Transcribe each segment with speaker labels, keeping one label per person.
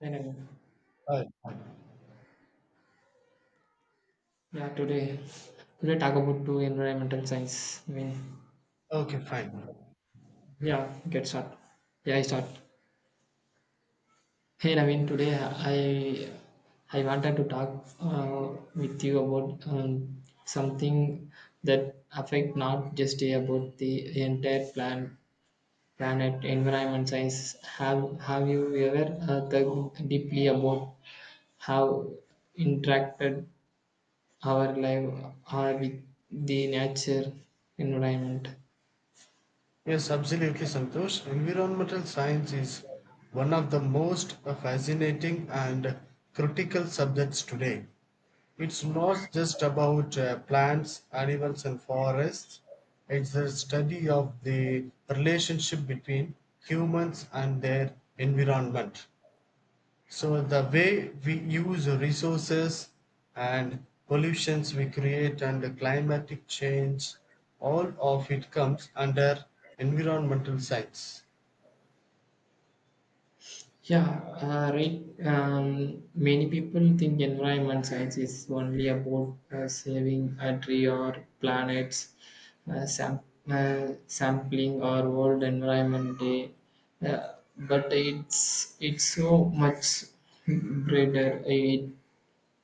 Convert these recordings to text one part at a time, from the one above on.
Speaker 1: Anyway,
Speaker 2: Right.
Speaker 1: yeah, today talk about two environmental science. I mean,
Speaker 2: Okay, fine.
Speaker 1: yeah, get start. Yeah, I start. Hey, Naveen, today I wanted to talk with you about something that affect not just about the entire planet environment science. Have you ever thought deeply about how interacted our life are with the nature environment?
Speaker 2: Yes, absolutely, Santosh. Environmental science is one of the most fascinating and critical subjects today. It's not just about plants, animals, and forests, it's the study of the relationship between humans and their environment. So the way we use resources and pollutions we create and the climatic change, all of it comes under environmental science.
Speaker 1: Yeah, right. Many people think environment science is only about saving a tree or planets, uh, sam- sampling our world environment day, but it's so much broader. It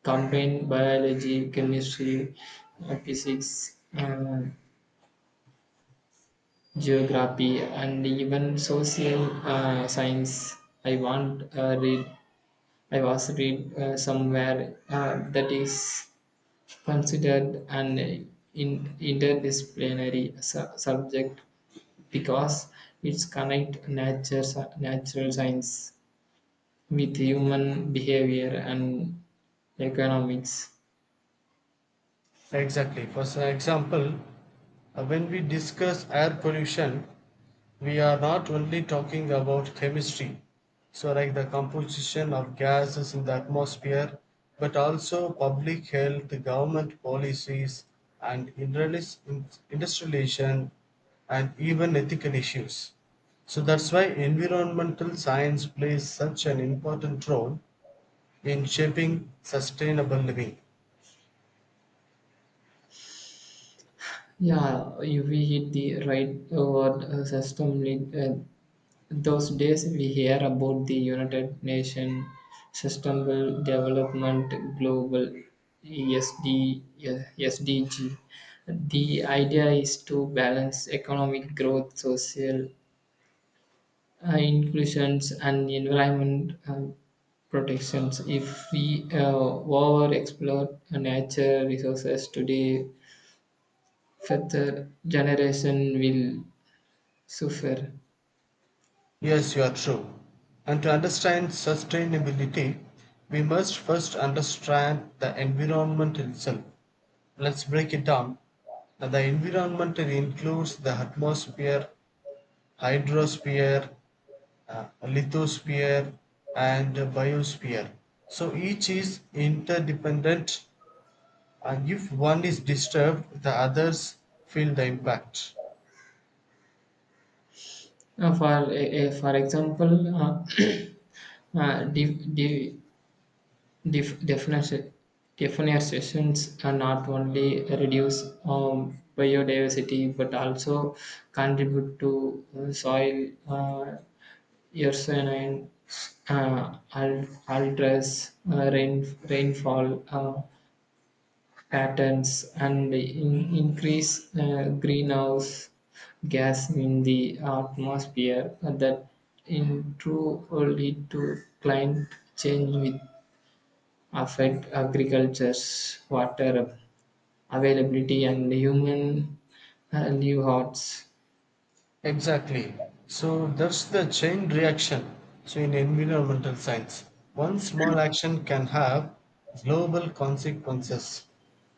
Speaker 1: combines biology, chemistry, physics, geography, and even social science. I want uh, read I was read somewhere that is considered an interdisciplinary subject because it's connect natural science with human behavior and economics.
Speaker 2: Exactly. For example, when we discuss air pollution, we are not only talking about chemistry, so like the composition of gases in the atmosphere, but also public health, government policies, and industrialization, and even ethical issues. So that's why environmental science plays such an important role in shaping sustainable living.
Speaker 1: Yeah, if we hit the right word system. Uh, Those days we hear about the United Nations Sustainable Development Global SD, SDG. The idea is to balance economic growth, social inclusions, and environment protections. If we over explore nature resources today, further generation will suffer.
Speaker 2: Yes, you are true. And to understand sustainability, we must first understand the environment itself. Let's break it down. Now, the environment includes the atmosphere, hydrosphere, lithosphere, and biosphere. So each is interdependent, and if one is disturbed, the others feel the impact.
Speaker 1: For example, de- de- def- definition definite are not only reduce biodiversity but also contribute to soil erosion and alters rainfall. Patterns and increase greenhouse gas in the atmosphere that in true lead to climate change with affect agriculture's water availability and human livelihoods.
Speaker 2: Exactly. So that's the chain reaction. So in environmental science, one small action can have global consequences.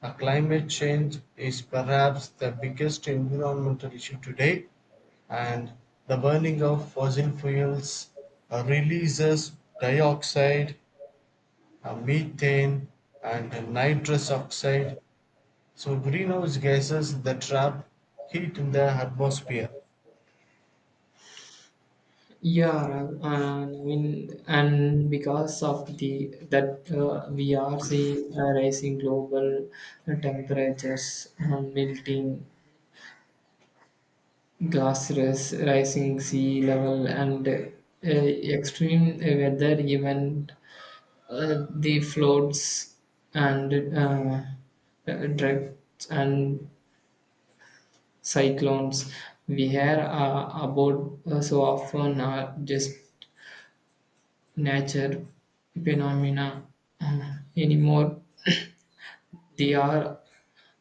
Speaker 2: Climate change is perhaps the biggest environmental issue today, and the burning of fossil fuels releases dioxide, methane, and nitrous oxide. So greenhouse gases that trap heat in the atmosphere.
Speaker 1: Yeah, I mean, and because of the that we are seeing rising global temperatures, melting glaciers, rising sea level, and extreme weather event, the floods and droughts and cyclones we hear about so often are just nature phenomena anymore. They are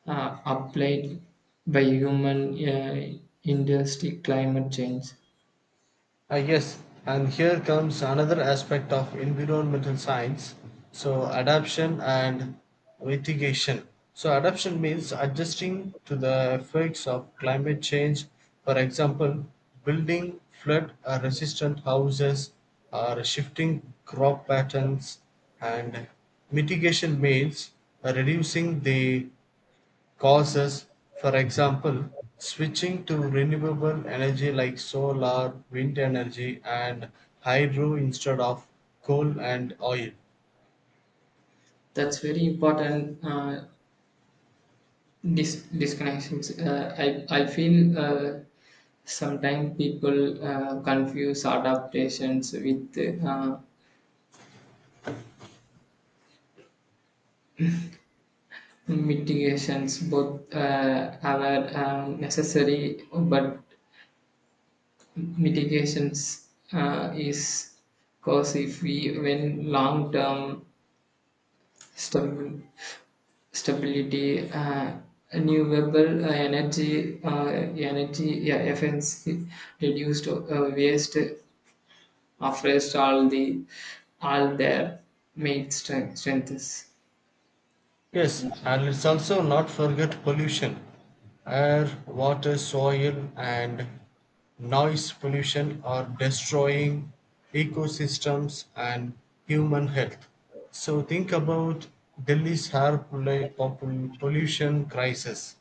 Speaker 1: applied by human industry climate change
Speaker 2: Ah, yes, and here comes another aspect of environmental science. So, adaptation and mitigation. So, adaptation means adjusting to the effects of climate change. For example, building flood resistant houses or shifting crop patterns. And mitigation means reducing the causes, for example, switching to renewable energy like solar, wind energy, and hydro instead of coal and oil.
Speaker 1: that's very important disconnections. I feel sometimes people confuse adaptations with uh, mitigations. Both are necessary, but mitigations is cause if we when long term stabil stability. Renewable energy yeah efficiency reduced waste afraid all the all their mate strengths.
Speaker 2: Yes, and let's also not forget pollution. Air, water, soil, and noise pollution are destroying ecosystems and human health. So, think about Delhi's pollution crisis.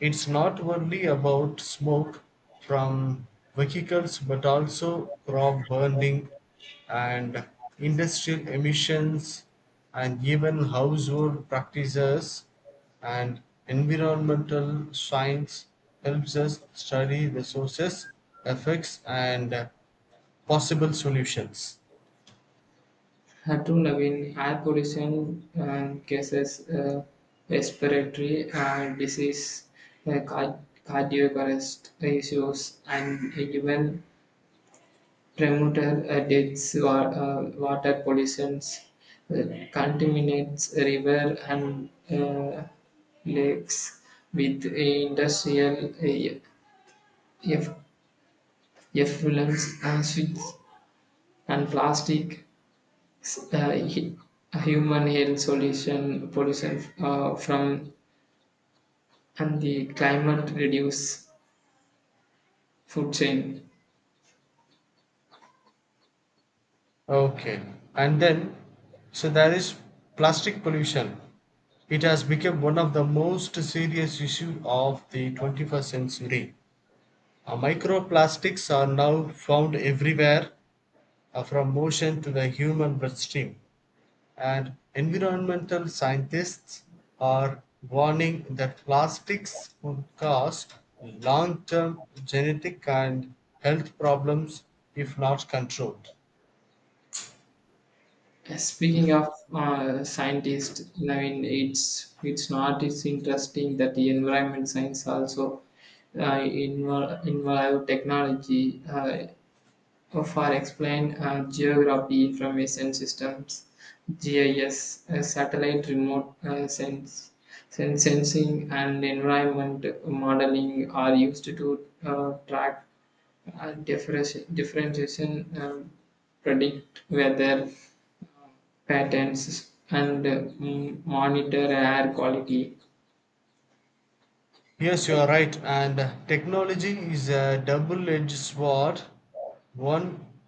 Speaker 2: It's not only about smoke from vehicles but also crop burning and industrial emissions and even household practices and environmental science helps us study the sources, effects and possible solutions.
Speaker 1: Hadronavin air pollution cases respiratory disease, uh, car- cardiac arrest issues, and even premature deaths, water pollutions, uh, contaminates river and lakes with industrial eff- effluents, switch and plastic uh, hu- human health solution pollution from and the climate reduce food chain.
Speaker 2: Okay. And then, so there is plastic pollution. It has become one of the most serious issues of the 21st century. Microplastics are now found everywhere, from ocean to the human bloodstream. And environmental scientists are warning that plastics could cause long term genetic and health problems if not controlled.
Speaker 1: Speaking of scientists, I mean it's not it's interesting that the environment science also involve technology for explain geography information systems GIS, satellite remote sense, sense sensing, and environment modeling are used to track differentiation, predict weather patterns, and monitor air quality.
Speaker 2: Yes, you are right. And technology is a double edged sword. One,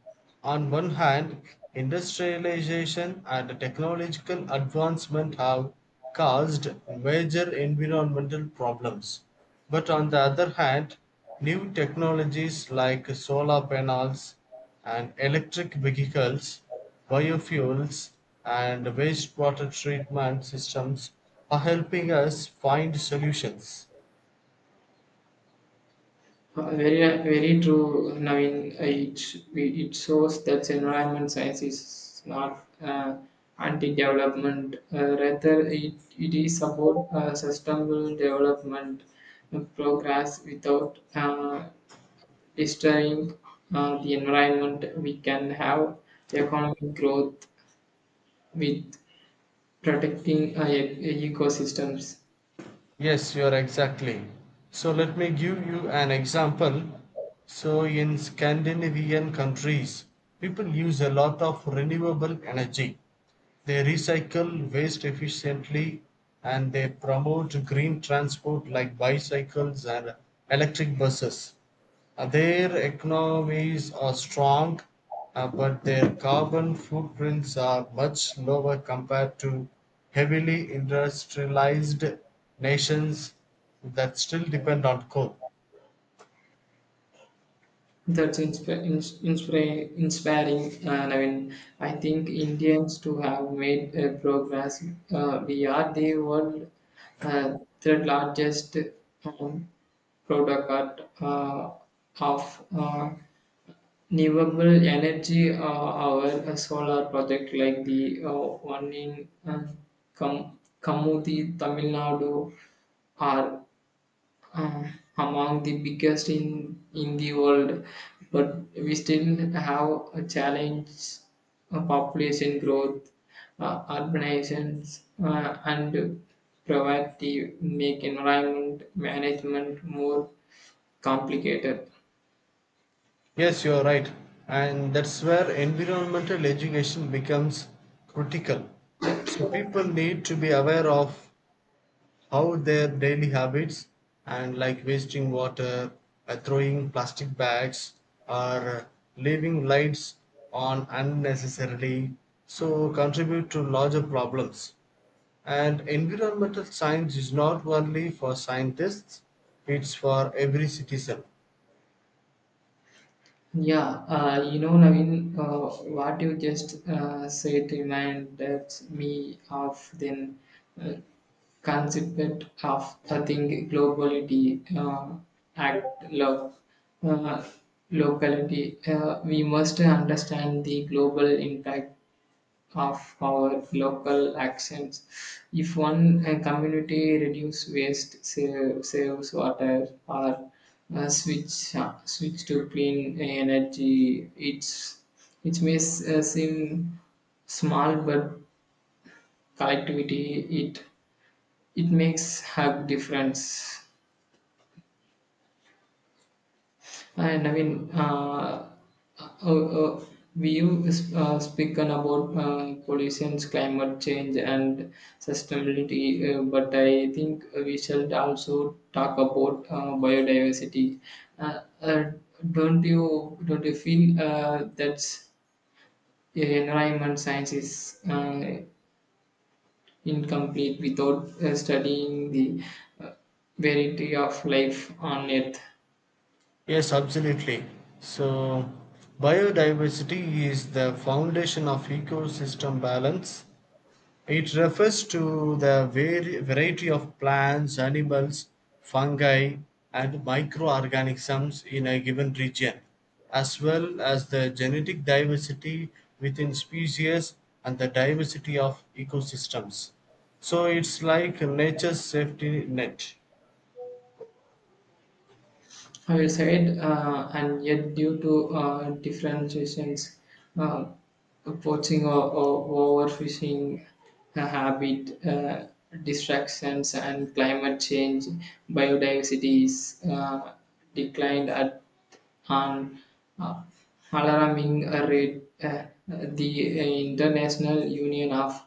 Speaker 2: on one hand, industrialization and technological advancement have caused major environmental problems. But on the other hand, new technologies like solar panels and electric vehicles, biofuels, and wastewater treatment systems are helping us find solutions.
Speaker 1: Very very true, Naveen. Uh, it it shows that environment science is not anti-development, rather it is about sustainable development, progress without destroying the environment. We can have economic growth with protecting ecosystems.
Speaker 2: Yes, you are exactly. So let me give you an example. So in Scandinavian countries, people use a lot of renewable energy. They recycle waste efficiently and they promote green transport like bicycles and electric buses. Their economies are strong, but their carbon footprints are much lower compared to heavily industrialized nations that still depend on coal.
Speaker 1: That's insp- ins- inspira- Inspiring, and I mean, I think Indians to have made a progress. We are the world third largest um, product of renewable energy. Our solar project, like the one in Kamudi, Tamil Nadu, are uh, among the biggest in the world, but we still have a challenge: population growth, urbanizations, and poverty make environment management more complicated.
Speaker 2: Yes, you're right. And that's where environmental education becomes critical. So people need to be aware of how their daily habits and like wasting water, throwing plastic bags or leaving lights on unnecessarily so contribute to larger problems, and environmental science is not only for scientists, it's for every citizen.
Speaker 1: Yeah, you know, Naveen, uh, what you just said reminded me of then uh, concept of the thing globality, act love, uh, locality. We must understand the global impact of our local actions. If one community reduce saves water or switch to clean energy, it's it may seem small, but collectivity it makes have difference. And I mean, uh, uh, we use spoken about pollution, climate change, and sustainability, but I think we should also talk about biodiversity. Uh, uh, don't you feel that environment science is incomplete without studying the uh, variety of life on Earth?
Speaker 2: Yes, absolutely. So biodiversity is the foundation of ecosystem balance. It refers to the variety of plants, animals, fungi, and microorganisms in a given region, as well as the genetic diversity within species and the diversity of ecosystems. So it's like nature's safety net.
Speaker 1: I Fireside, and yet due to differentiations, uh, poaching or overfishing, habit, distractions, and climate change, biodiversity is declined at and uh, alarming rate. The International Union of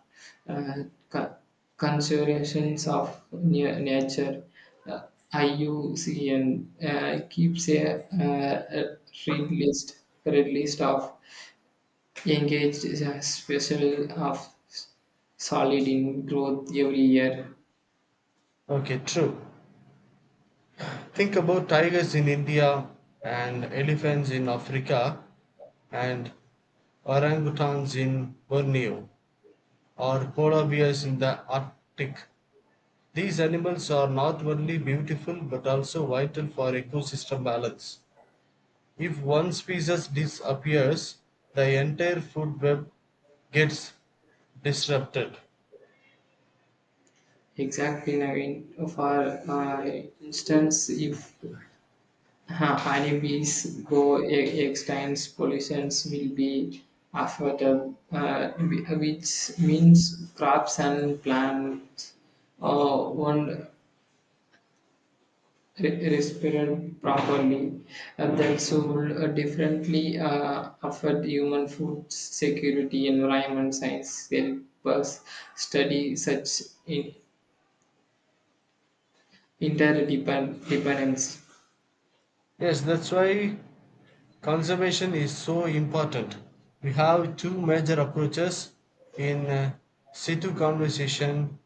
Speaker 1: uh, Co- Conservations of Nature, uh, IUCN, keeps a read list red list of engaged special of solid in growth every year.
Speaker 2: Okay, true. Think about tigers in India and elephants in Africa and orangutans in Borneo, or polar bears in the Arctic. These animals are not only beautiful but also vital for ecosystem balance. If one species disappears, the entire food web gets disrupted.
Speaker 1: Exactly, Naveen. For instance, if Honeybees go extinct, pollutions will be affected, which means crops and plants won't respirate properly. And that will differently affect human food security. Environment science help us study such interdependence.
Speaker 2: Yes, that's why conservation is so important. We have two major approaches in situ conservation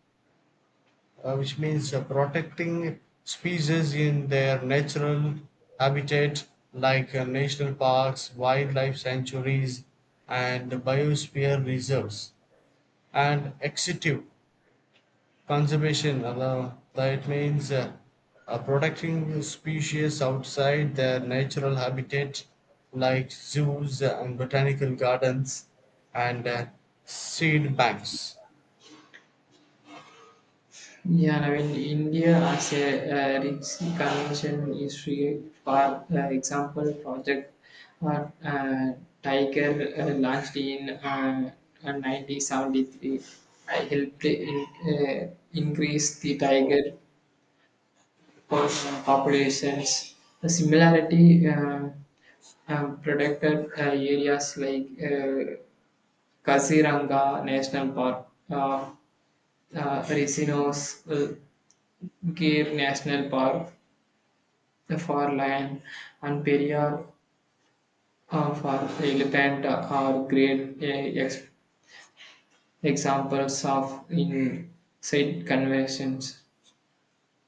Speaker 2: which means protecting species in their natural habitat like national parks, wildlife sanctuaries, and biosphere reserves. And extensive conservation, that means protecting species outside their natural habitat like zoos and botanical gardens and seed banks.
Speaker 1: Yeah, I mean, India as a rich convention history, for example, Project uh, uh, Tiger launched in 1973. I helped in, increase the tiger populations. The similarity protected areas like Kaziranga National Park, Resinos, Gir National Park, for lion and perrier for elephant are great examples of in-site conversions.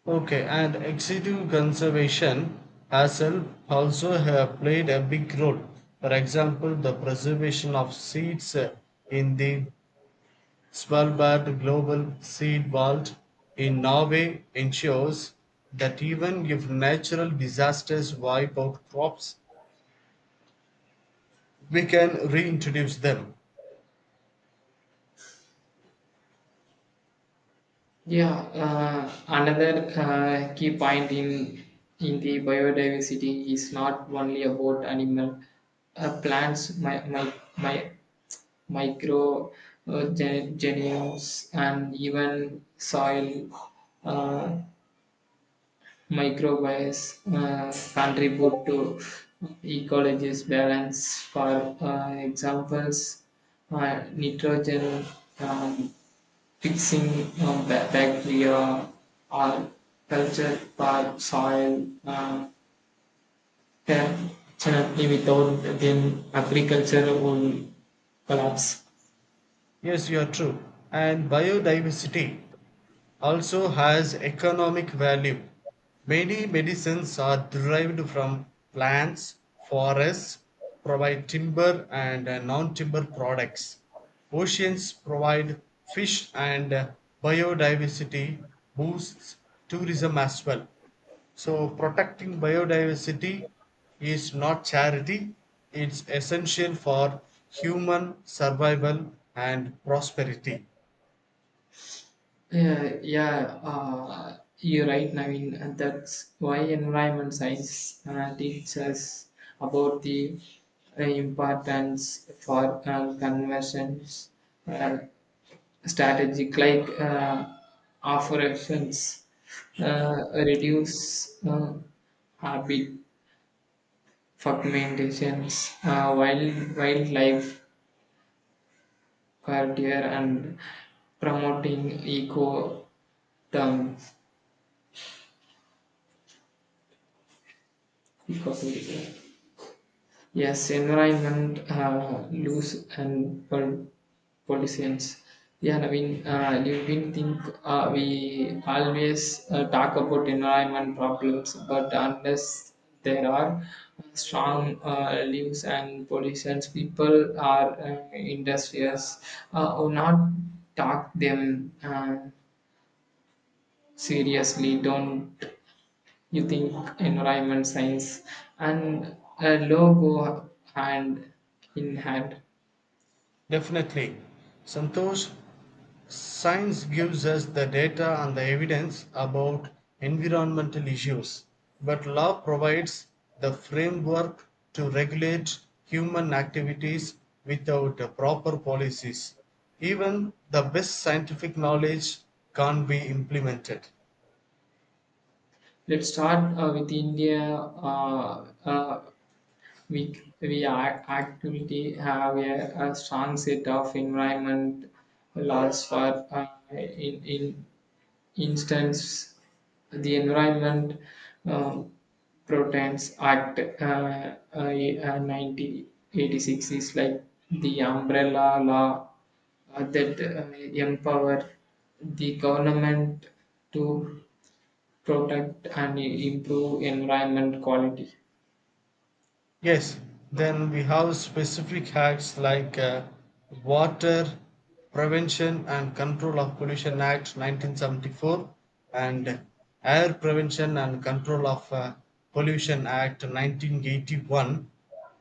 Speaker 2: Okay, and excessive conservation herself also have played a big role. For example, the preservation of seeds in the Svalbard Global Seed Vault in Norway ensures that even if natural disasters wipe out crops, we can reintroduce them.
Speaker 1: Yeah, another key point in the biodiversity is not only about animal, plants, my micro genomes, and even soil. Uh, Microbes contribute to ecology's balance. For examples, nitrogen um, fixing bacteria or culture for soil, definitely without them agriculture will collapse.
Speaker 2: Yes, you are true. And biodiversity also has economic value. Many medicines are derived from plants, forests provide timber and non-timber products. Oceans provide fish and biodiversity boosts tourism as well. So protecting biodiversity is not charity, it's essential for human survival and prosperity.
Speaker 1: Yeah, yeah, you're right, Naveen, and that's why environment science teaches us about the importance for conversions, uh, strategic like operations, reduce habit fragmentations, wild wildlife care and promoting eco terms. Eco tourism. Yes, environment, loose and pollutions. Yeah, Naveen, you been think we always talk about environment problems, but unless there are strong leaves and pollutions, people are industrious or not talk them seriously. Don't you think environment science and a logo hand in hand?
Speaker 2: Definitely, Santosh. Science gives us the data and the evidence about environmental issues, but law provides the framework to regulate human activities without proper policies. Even the best scientific knowledge can't be implemented.
Speaker 1: Let's start with India, uh, uh, we, we are actively have a strong set of environment laws for in instance, the Environment uh, Protections Act, 1986, is like the umbrella law that empower the government to protect and improve environment quality.
Speaker 2: Yes, then we have specific acts like Water Prevention and Control of Pollution Act 1974 and Air Prevention and Control of Pollution Act 1981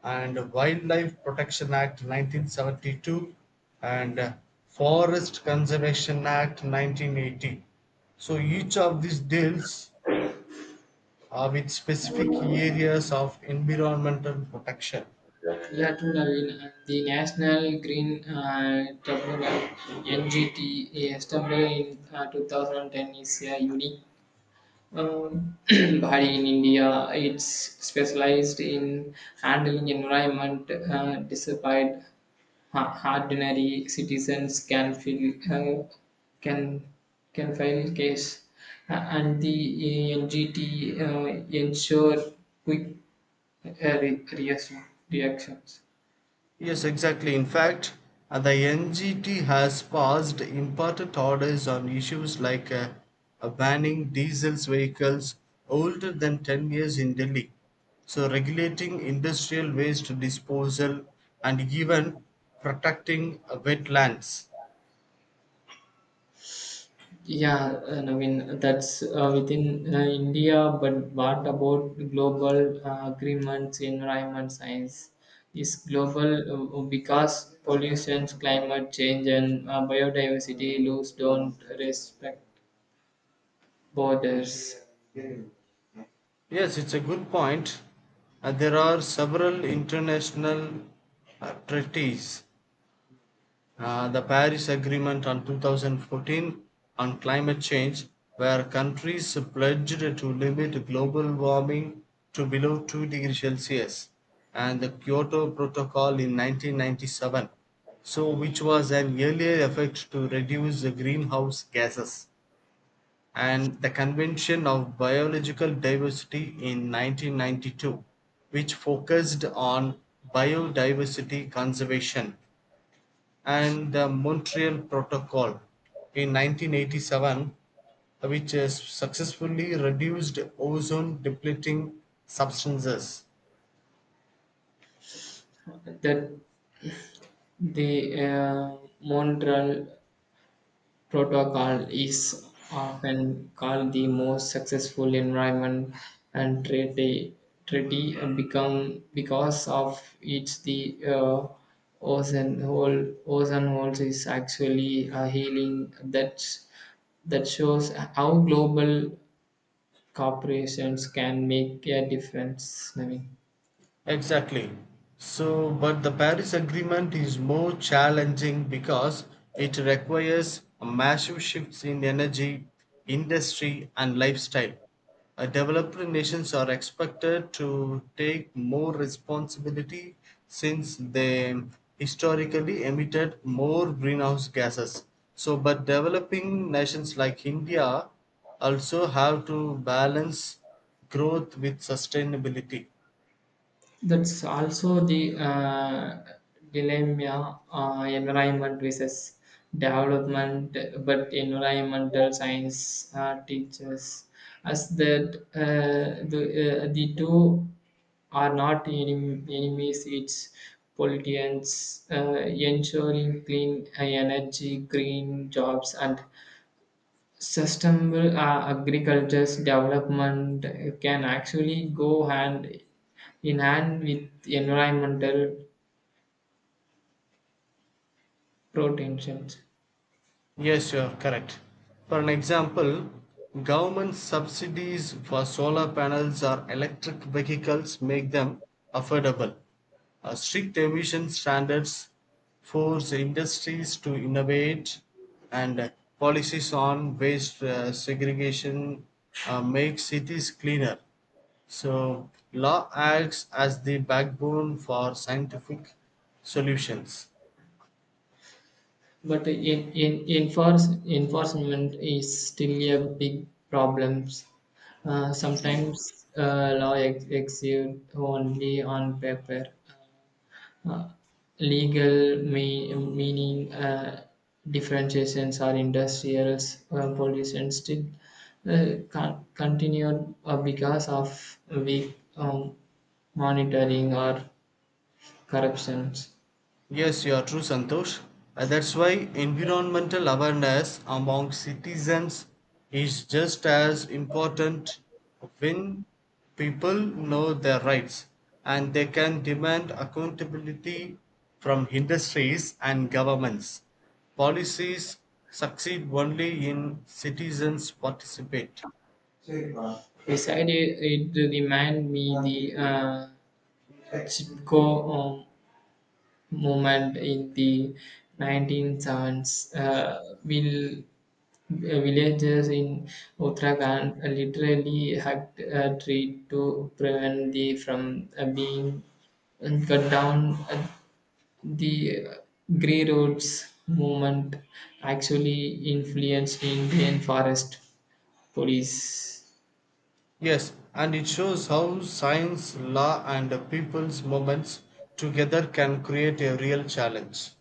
Speaker 2: and Wildlife Protection Act 1972 and Forest Conservation Act 1980. So each of these deals are with specific areas of environmental protection.
Speaker 1: Yeah, true, and The National Green Tribunal (NGT), established in 2010, is a unique Bhari in India. It's specialized in handling environment despite ordinary citizens can feel can file case. And the NGT uh, ensure quick uh, re- reaction- reactions.
Speaker 2: Yes, exactly. In fact, the NGT has passed important orders on issues like banning diesel vehicles older than 10 years in Delhi, so regulating industrial waste disposal and even protecting wetlands.
Speaker 1: Yeah, I mean that's within India, but what about global agreements in environment science? Is global because pollution, climate change, and biodiversity loss don't respect borders.
Speaker 2: Yes, it's a good point. There are several international treaties. The Paris Agreement on 2014 on climate change, where countries pledged to limit global warming to below 2 degrees Celsius, and the Kyoto Protocol in 1997, so which was an earlier effort to reduce the greenhouse gases, and the Convention of Biological Diversity in 1992, which focused on biodiversity conservation, and the Montreal Protocol in 1987, which has successfully reduced ozone depleting substances.
Speaker 1: That the Montreal Protocol is often called the most successful environment and treaty become because of it. The ozone hole ozone holes is actually a healing. That that shows how global corporations can make a difference, Naveen.
Speaker 2: Exactly. So, but the Paris Agreement is more challenging because it requires massive shifts in energy, industry, and lifestyle. Developed nations are expected to take more responsibility since they historically emitted more greenhouse gases. So, but developing nations like India also have to balance growth with sustainability.
Speaker 1: That's also the dilemma: environment versus development, but environmental science teaches us that the two are not enemies. It's pollutants, ensuring clean energy, green jobs, and sustainable agriculture's development can actually go hand in hand with environmental protections.
Speaker 2: Yes, you are correct. For an example, government subsidies for solar panels or electric vehicles make them affordable. Strict emission standards force industries to innovate, and policies on waste segregation make cities cleaner. So, law acts as the backbone for scientific solutions.
Speaker 1: But enforcement is still a big problem. Sometimes law exist only on paper. Uh, Legal meaning differentiations or industrial pollution still continued because of weak monitoring or corruptions.
Speaker 2: Yes, you are true, Santosh. That's why environmental awareness among citizens is just as important. When people know their rights, and they can demand accountability from industries and governments. Policies succeed only in citizens participate.
Speaker 1: சரிப்பா. Decided it reminded me the uh, Chipko um, movement in the 1970s. Uh, will villagers in Uttarakhand literally hacked a tree to prevent the from being cut down. Uh, the Grey Roads movement actually influenced Indian forest police.
Speaker 2: Yes, and it shows how science, law, and the people's movements together can create a real challenge.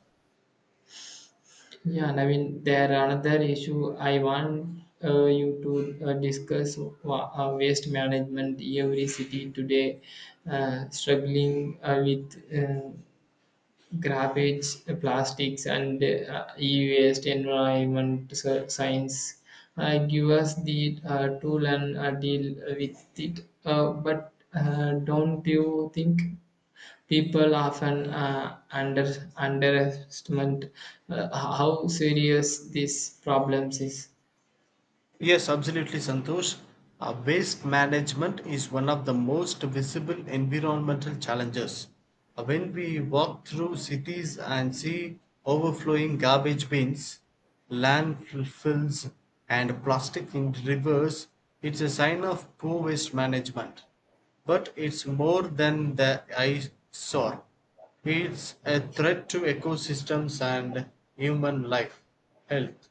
Speaker 1: Yeah, and I mean there are another issue I want you to discuss waste management. Every city today struggling with garbage, plastics, and e-waste. Environment science give us the tool and deal with it. But don't you think? People often underestimate how serious this problem is.
Speaker 2: Yes, absolutely, Santosh. Waste management is one of the most visible environmental challenges. When we walk through cities and see overflowing garbage bins, landfills, and plastic in rivers, it's a sign of poor waste management. But it's more than the eyesore. It's a threat to ecosystems and human life, health.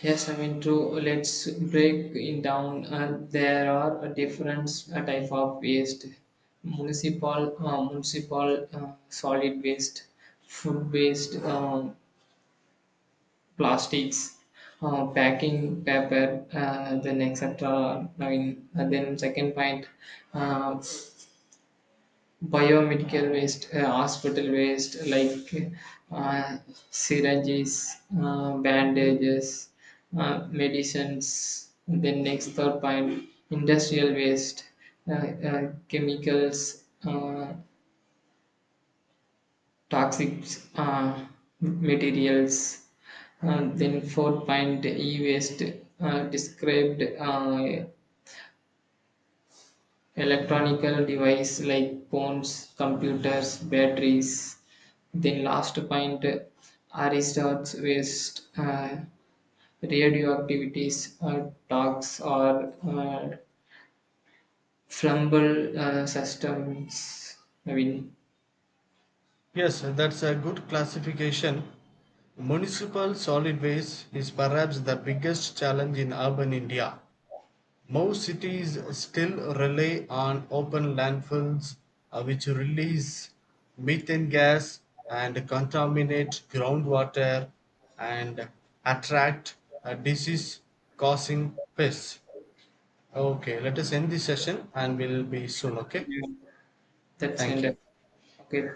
Speaker 1: Yes, I mean true. Let's break it down. There are a different type of waste: municipal solid waste, food waste, plastics, packing paper, then etc. I mean, and then second point, uh, biomedical waste, hospital waste like uh, syringes, bandages, medicines. Then next third point, industrial waste, chemicals, toxic uh, materials. Then fourth point, e-waste described electronical device like phones, computers, batteries. Then last point, Aristotle's waste radioactivities, talks or flumble systems. I mean,
Speaker 2: Yes, that's a good classification. Municipal solid waste is perhaps the biggest challenge in urban India. Most cities still rely on open landfills which release methane gas and contaminate groundwater and attract disease causing pests. Okay, let us end this session and we'll be soon. Okay,
Speaker 1: that's
Speaker 2: thank
Speaker 1: end.
Speaker 2: you.
Speaker 1: Okay,